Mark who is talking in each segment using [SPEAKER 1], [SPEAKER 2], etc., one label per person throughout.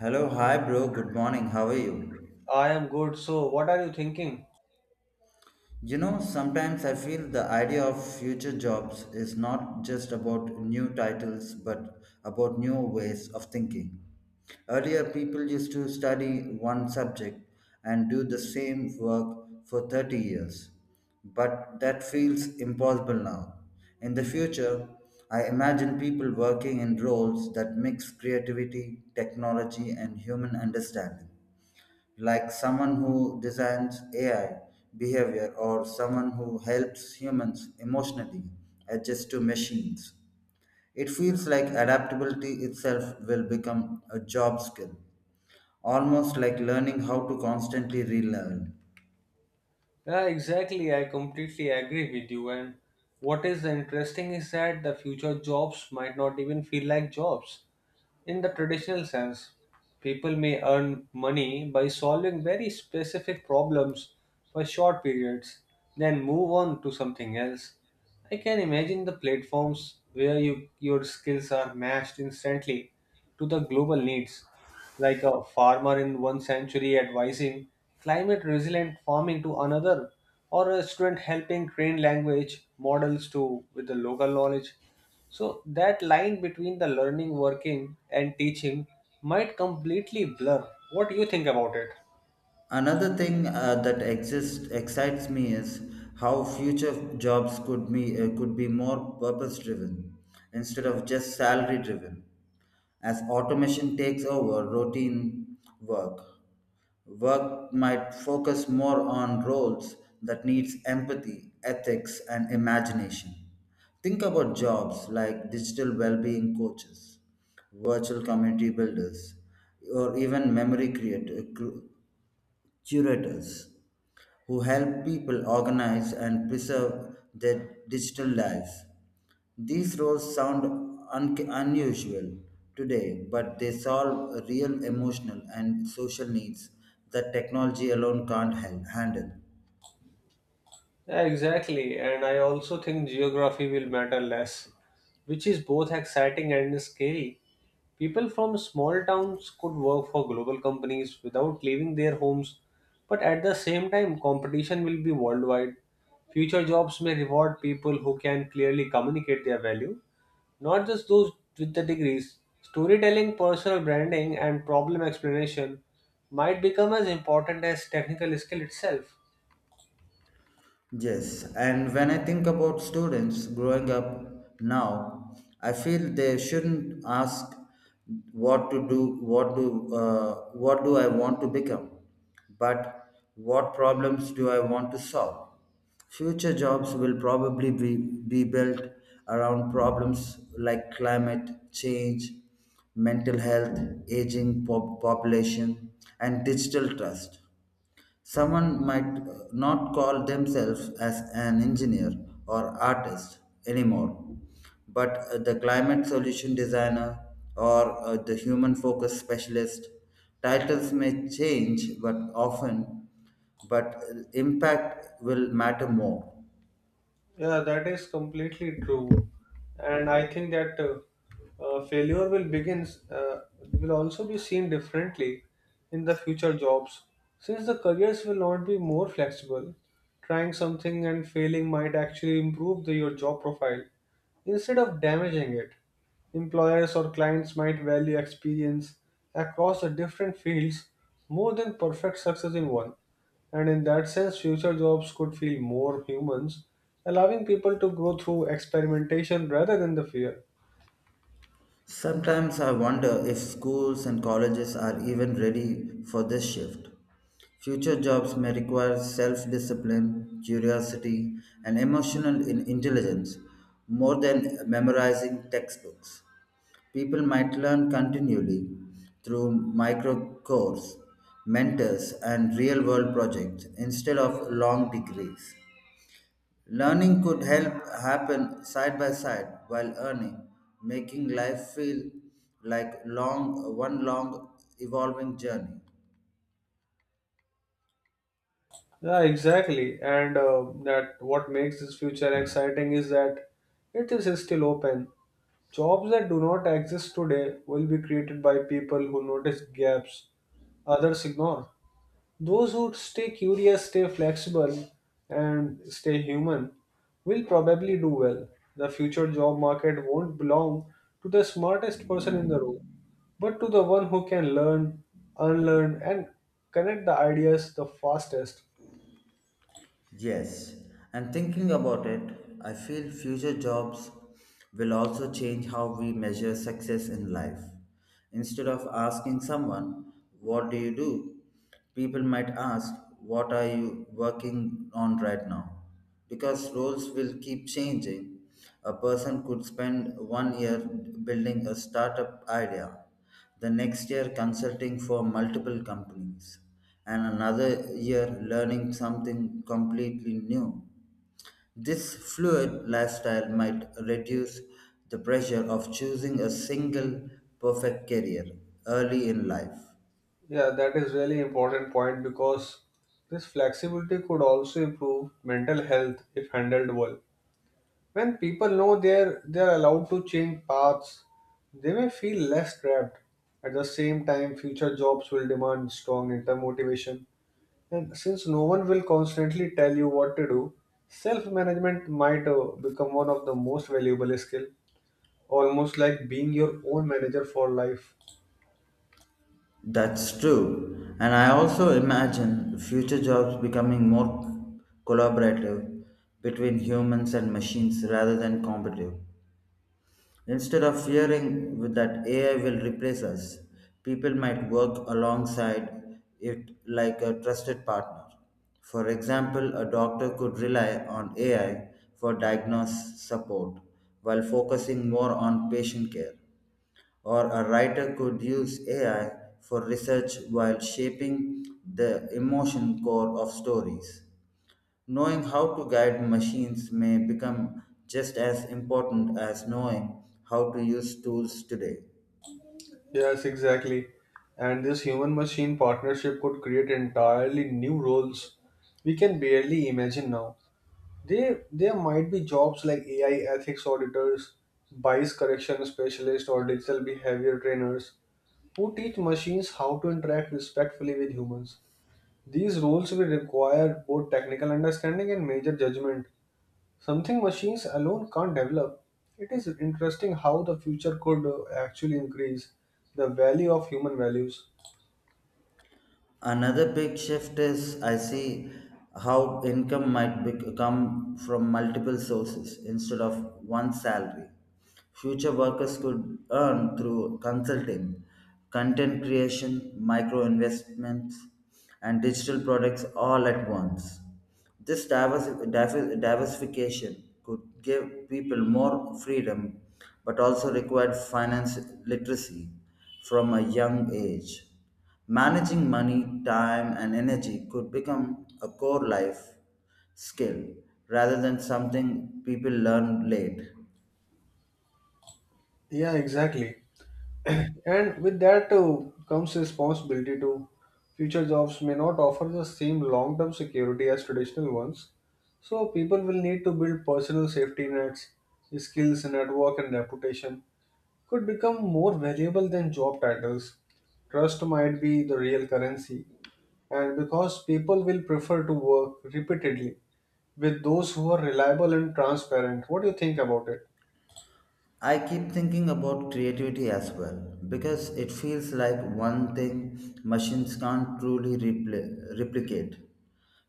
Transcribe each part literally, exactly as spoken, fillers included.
[SPEAKER 1] Hello, hi bro, good morning, how are you?
[SPEAKER 2] I am good. So, what are you thinking?
[SPEAKER 1] You know, sometimes I feel the idea of future jobs is not just about new titles but about new ways of thinking. Earlier, people used to study one subject and do the same work for thirty years, but that feels impossible now. In the future, I imagine people working in roles that mix creativity, technology, and human understanding like someone who designs A I behavior or someone who helps humans emotionally adjust to machines. It feels like adaptability itself will become a job skill, almost like learning how to constantly relearn.
[SPEAKER 2] Yeah, exactly. I completely agree with you. And what is interesting is that the future jobs might not even feel like jobs in the traditional sense. People may earn money by solving very specific problems for short periods, then move on to something else. I can imagine the platforms where you, your skills are matched instantly to the global needs like a farmer in one century advising climate resilient farming to another, or a student helping train language models to with the local knowledge. So that line between the learning, working, and teaching might completely blur. What do you think about it?
[SPEAKER 1] Another thing uh, that exists excites me is how future jobs could be uh, could be more purpose driven instead of just salary driven as automation takes over routine work. Work might focus more on roles that needs empathy, ethics and imagination. Think about jobs like digital well-being coaches, virtual community builders, or even memory creator, cu- curators who help people organize and preserve their digital lives. These roles sound un- unusual today, but they solve real emotional and social needs that technology alone can't hel- handle.
[SPEAKER 2] Yeah, exactly. And I also think geography will matter less, which is both exciting and scary. People from small towns could work for global companies without leaving their homes, but at the same time, competition will be worldwide. Future jobs may reward people who can clearly communicate their value, not just those with the degrees. Storytelling, personal branding, and problem explanation might become as important as technical skill itself.
[SPEAKER 1] Yes, and when I think about students growing up now, I feel they shouldn't ask what to do, what do, uh, what do I want to become, but what problems do I want to solve. Future jobs will probably be, be built around problems like climate change, mental health, aging pop- population, and digital trust. Someone might uh, not call themselves as an engineer or artist anymore, but uh, the climate solution designer or uh, the human focus specialist. Titles may change, but often, but uh, impact will matter more.
[SPEAKER 2] Yeah, that is completely true. And I think that uh, uh, failure will begin, uh, will also be seen differently in the future jobs. Since the careers will not be more flexible, trying something and failing might actually improve the, your job profile instead of damaging it. Employers or clients might value experience across the different fields more than perfect success in one. And in that sense, future jobs could feel more humans, allowing people to grow through experimentation rather than the fear.
[SPEAKER 1] Sometimes I wonder if schools and colleges are even ready for this shift. Future jobs may require self discipline, curiosity, and emotional in- intelligence more than memorizing textbooks. People might learn continually through micro course, mentors, and real world projects instead of long degrees. Learning could help happen side by side while earning, making life feel like long one long evolving journey.
[SPEAKER 2] Yeah, exactly. And uh, that what makes this future exciting is that it is still open. Jobs that do not exist today will be created by people who notice gaps others ignore. Those who stay curious, stay flexible, and stay human will probably do well. The future job market won't belong to the smartest person in the room, but to the one who can learn, unlearn, and connect the ideas the fastest.
[SPEAKER 1] Yes, and thinking about it, I feel future jobs will also change how we measure success in life. Instead of asking someone, "What do you do?" people might ask, "What are you working on right now?" Because roles will keep changing. A person could spend one year building a startup idea, the next year consulting for multiple companies, and another year learning something completely new. This fluid lifestyle might reduce the pressure of choosing a single perfect career early in life.
[SPEAKER 2] Yeah, that is really important point because this flexibility could also improve mental health if handled well. When people know they're they're allowed to change paths, they may feel less trapped. At the same time, future jobs will demand strong inner motivation, and since no one will constantly tell you what to do, self-management might uh, become one of the most valuable skill, almost like being your own manager for life.
[SPEAKER 1] That's true. And I also imagine future jobs becoming more collaborative between humans and machines rather than competitive. Instead of fearing with that A I will replace us, people might work alongside it like a trusted partner. For example, a doctor could rely on A I for diagnosis support while focusing more on patient care, or a writer could use A I for research while shaping the emotion core of stories. Knowing how to guide machines may become just as important as knowing how to use tools today.
[SPEAKER 2] Yes, exactly. And this human machine partnership could create entirely new roles we can barely imagine now. They there might be jobs like A I ethics auditors, bias correction specialists, or digital behavior trainers who teach machines how to interact respectfully with humans. These roles will require both technical understanding and major judgment, something machines alone can't develop. It is interesting how the future could uh, actually increase the value of human values.
[SPEAKER 1] Another big shift is I see how income might bec- come from multiple sources instead of one salary. Future workers could earn through consulting, content creation, micro investments, and digital products all at once. This diversi- diver- diversification could give people more freedom but also required finance literacy from a young age. Managing money, time, and energy could become a core life skill rather than something people learn late.
[SPEAKER 2] Yeah, exactly. And with that, uh, comes responsibility. To future jobs may not offer the same long term security as traditional ones, so people will need to build personal safety nets. Skills, network, and reputation could become more valuable than job titles. Trust might be the real currency, and because people will prefer to work repeatedly with those who are reliable and transparent. What do you think about it?
[SPEAKER 1] I keep thinking about creativity as well because it feels like one thing machines can't truly repli- replicate.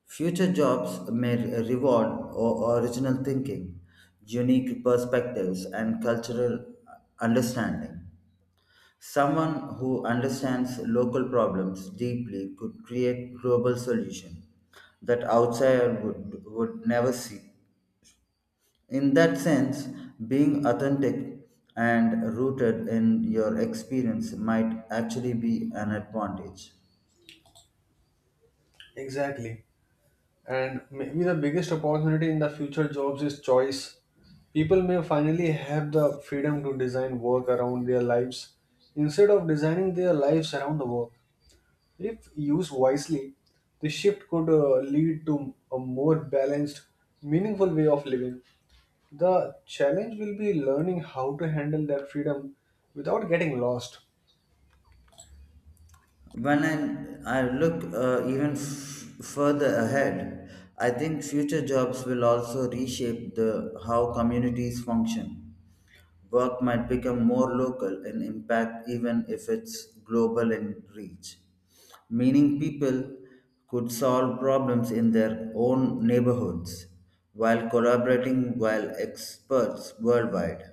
[SPEAKER 1] Future jobs may reward o- original thinking, unique perspectives, and cultural understanding. Someone who understands local problems deeply could create global solutions that outsiders would, would never see. In that sense, being authentic and rooted in your experience might actually be an advantage.
[SPEAKER 2] Exactly. And maybe the biggest opportunity in the future jobs is choice. People may finally have the freedom to design work around their lives instead of designing their lives around the work. If used wisely, the shift could uh, lead to a more balanced, meaningful way of living. The challenge will be learning how to handle that freedom without getting lost.
[SPEAKER 1] When I, I look uh, even f- further ahead, I think future jobs will also reshape the how communities function. Work might become more local in impact, even if it's global in reach. Meaning, people could solve problems in their own neighborhoods while collaborating while experts worldwide.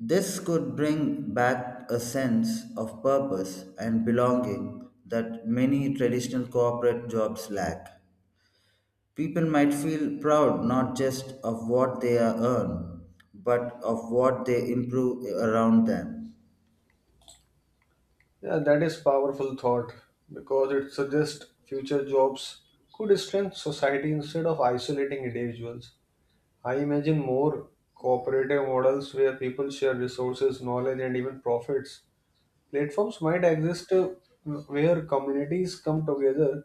[SPEAKER 1] This could bring back a sense of purpose and belonging that many traditional corporate jobs lack. People might feel proud not just of what they are earn, but of what they improve around them.
[SPEAKER 2] Yeah, that is powerful thought because it suggests future jobs could strengthen society instead of isolating individuals. I imagine more cooperative models where people share resources, knowledge, and even profits. Platforms might exist, uh, where communities come together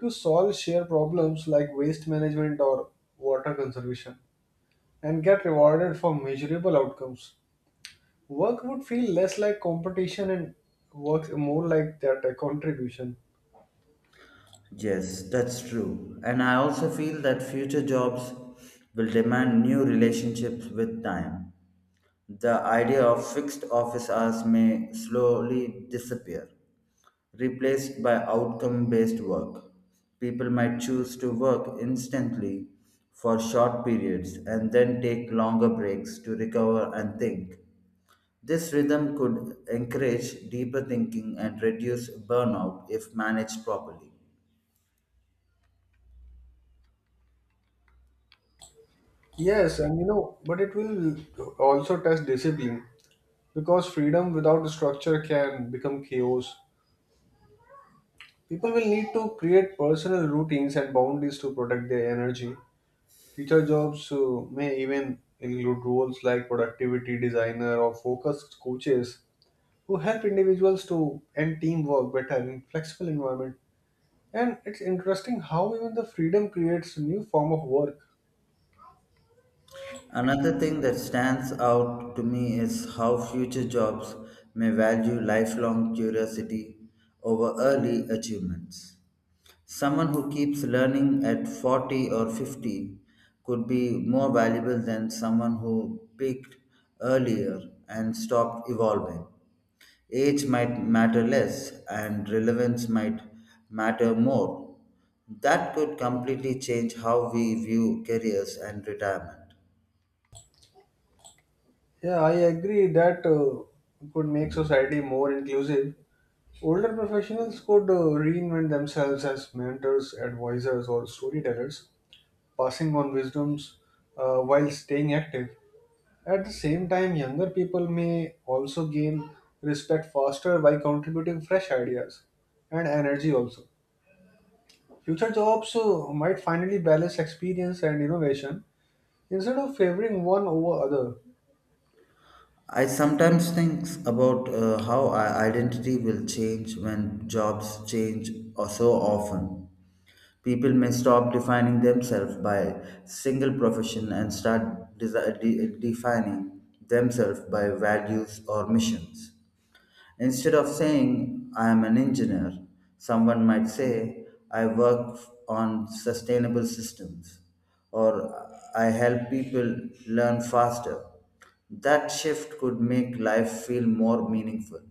[SPEAKER 2] to solve shared problems like waste management or water conservation and get rewarded for measurable outcomes. Work would feel less like competition and works more like that a contribution.
[SPEAKER 1] Yes, that's true. And I also feel that future jobs will demand new relationships with time. The idea of fixed office hours may slowly disappear, replaced by outcome based work. People might choose to work instantly for short periods and then take longer breaks to recover and think. This rhythm could encourage deeper thinking and reduce burnout if managed properly.
[SPEAKER 2] Yes, and you know, but it will also test discipline because freedom without structure can become chaos. People will need to create personal routines and boundaries to protect their energy. Future jobs uh, may even include roles like productivity designer or focused coaches who help individuals to end teamwork better in flexible environment. And it's interesting how even the freedom creates a new form of work.
[SPEAKER 1] Another thing that stands out to me is how future jobs may value lifelong curiosity over early achievements. Someone who keeps learning at forty or fifty could be more valuable than someone who peaked earlier and stopped evolving. Age might matter less and relevance might matter more. That could completely change how we view careers and retirement.
[SPEAKER 2] Yeah, I agree that uh, could make society more inclusive. Older professionals could uh, reinvent themselves as mentors, advisors, or storytellers, passing on wisdoms uh, while staying active. At the same time, younger people may also gain respect faster by contributing fresh ideas and energy also. Future jobs uh, might finally balance experience and innovation instead of favoring one over other.
[SPEAKER 1] I sometimes think about uh, how our identity will change when jobs change or so often. People may stop defining themselves by single profession and start desi de- defining themselves by values or missions. Instead of saying, "I am an engineer," someone might say, "I work on sustainable systems," or, "I help people learn faster." That shift could make life feel more meaningful.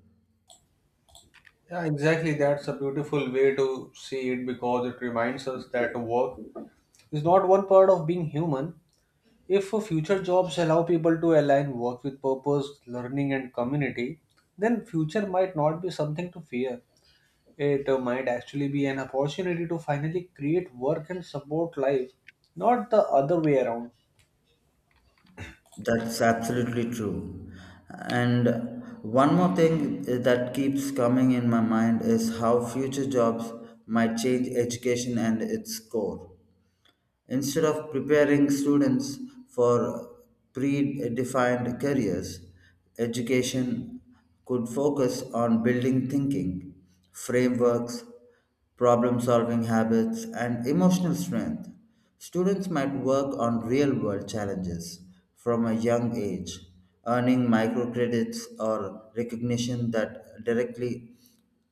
[SPEAKER 2] Yeah, exactly. That's a beautiful way to see it because it reminds us that work is not one part of being human. If future jobs allow people to align work with purpose, learning, and community, then future might not be something to fear. It uh, might actually be an opportunity to finally create work and support life, not the other way around.
[SPEAKER 1] That's absolutely true. And one more thing that keeps coming in my mind is how future jobs might change education and its core. Instead of preparing students for predefined careers, education could focus on building thinking, frameworks, problem solving habits, and emotional strength. Students might work on real world challenges from a young age, earning microcredits or recognition that directly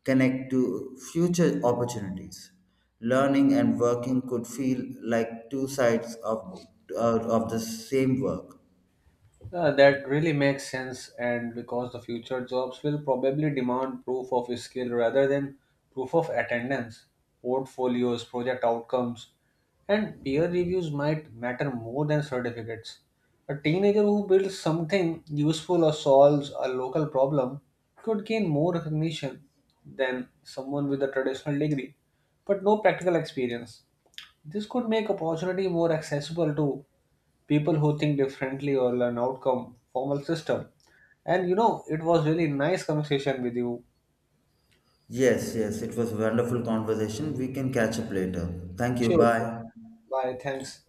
[SPEAKER 1] connect to future opportunities. Learning and working could feel like two sides of, uh, of the same work.
[SPEAKER 2] Uh, that really makes sense, and because the future jobs will probably demand proof of skill rather than proof of attendance, portfolios, project outcomes, and peer reviews might matter more than certificates. A teenager who builds something useful or solves a local problem could gain more recognition than someone with a traditional degree, but no practical experience. This could make opportunity more accessible to people who think differently or an outcome formal system. And you know, it was really nice conversation with you.
[SPEAKER 1] Yes, yes, it was a wonderful conversation. We can catch up later. Thank you.
[SPEAKER 2] Sure, sure.
[SPEAKER 1] Bye.
[SPEAKER 2] Bye. Thanks.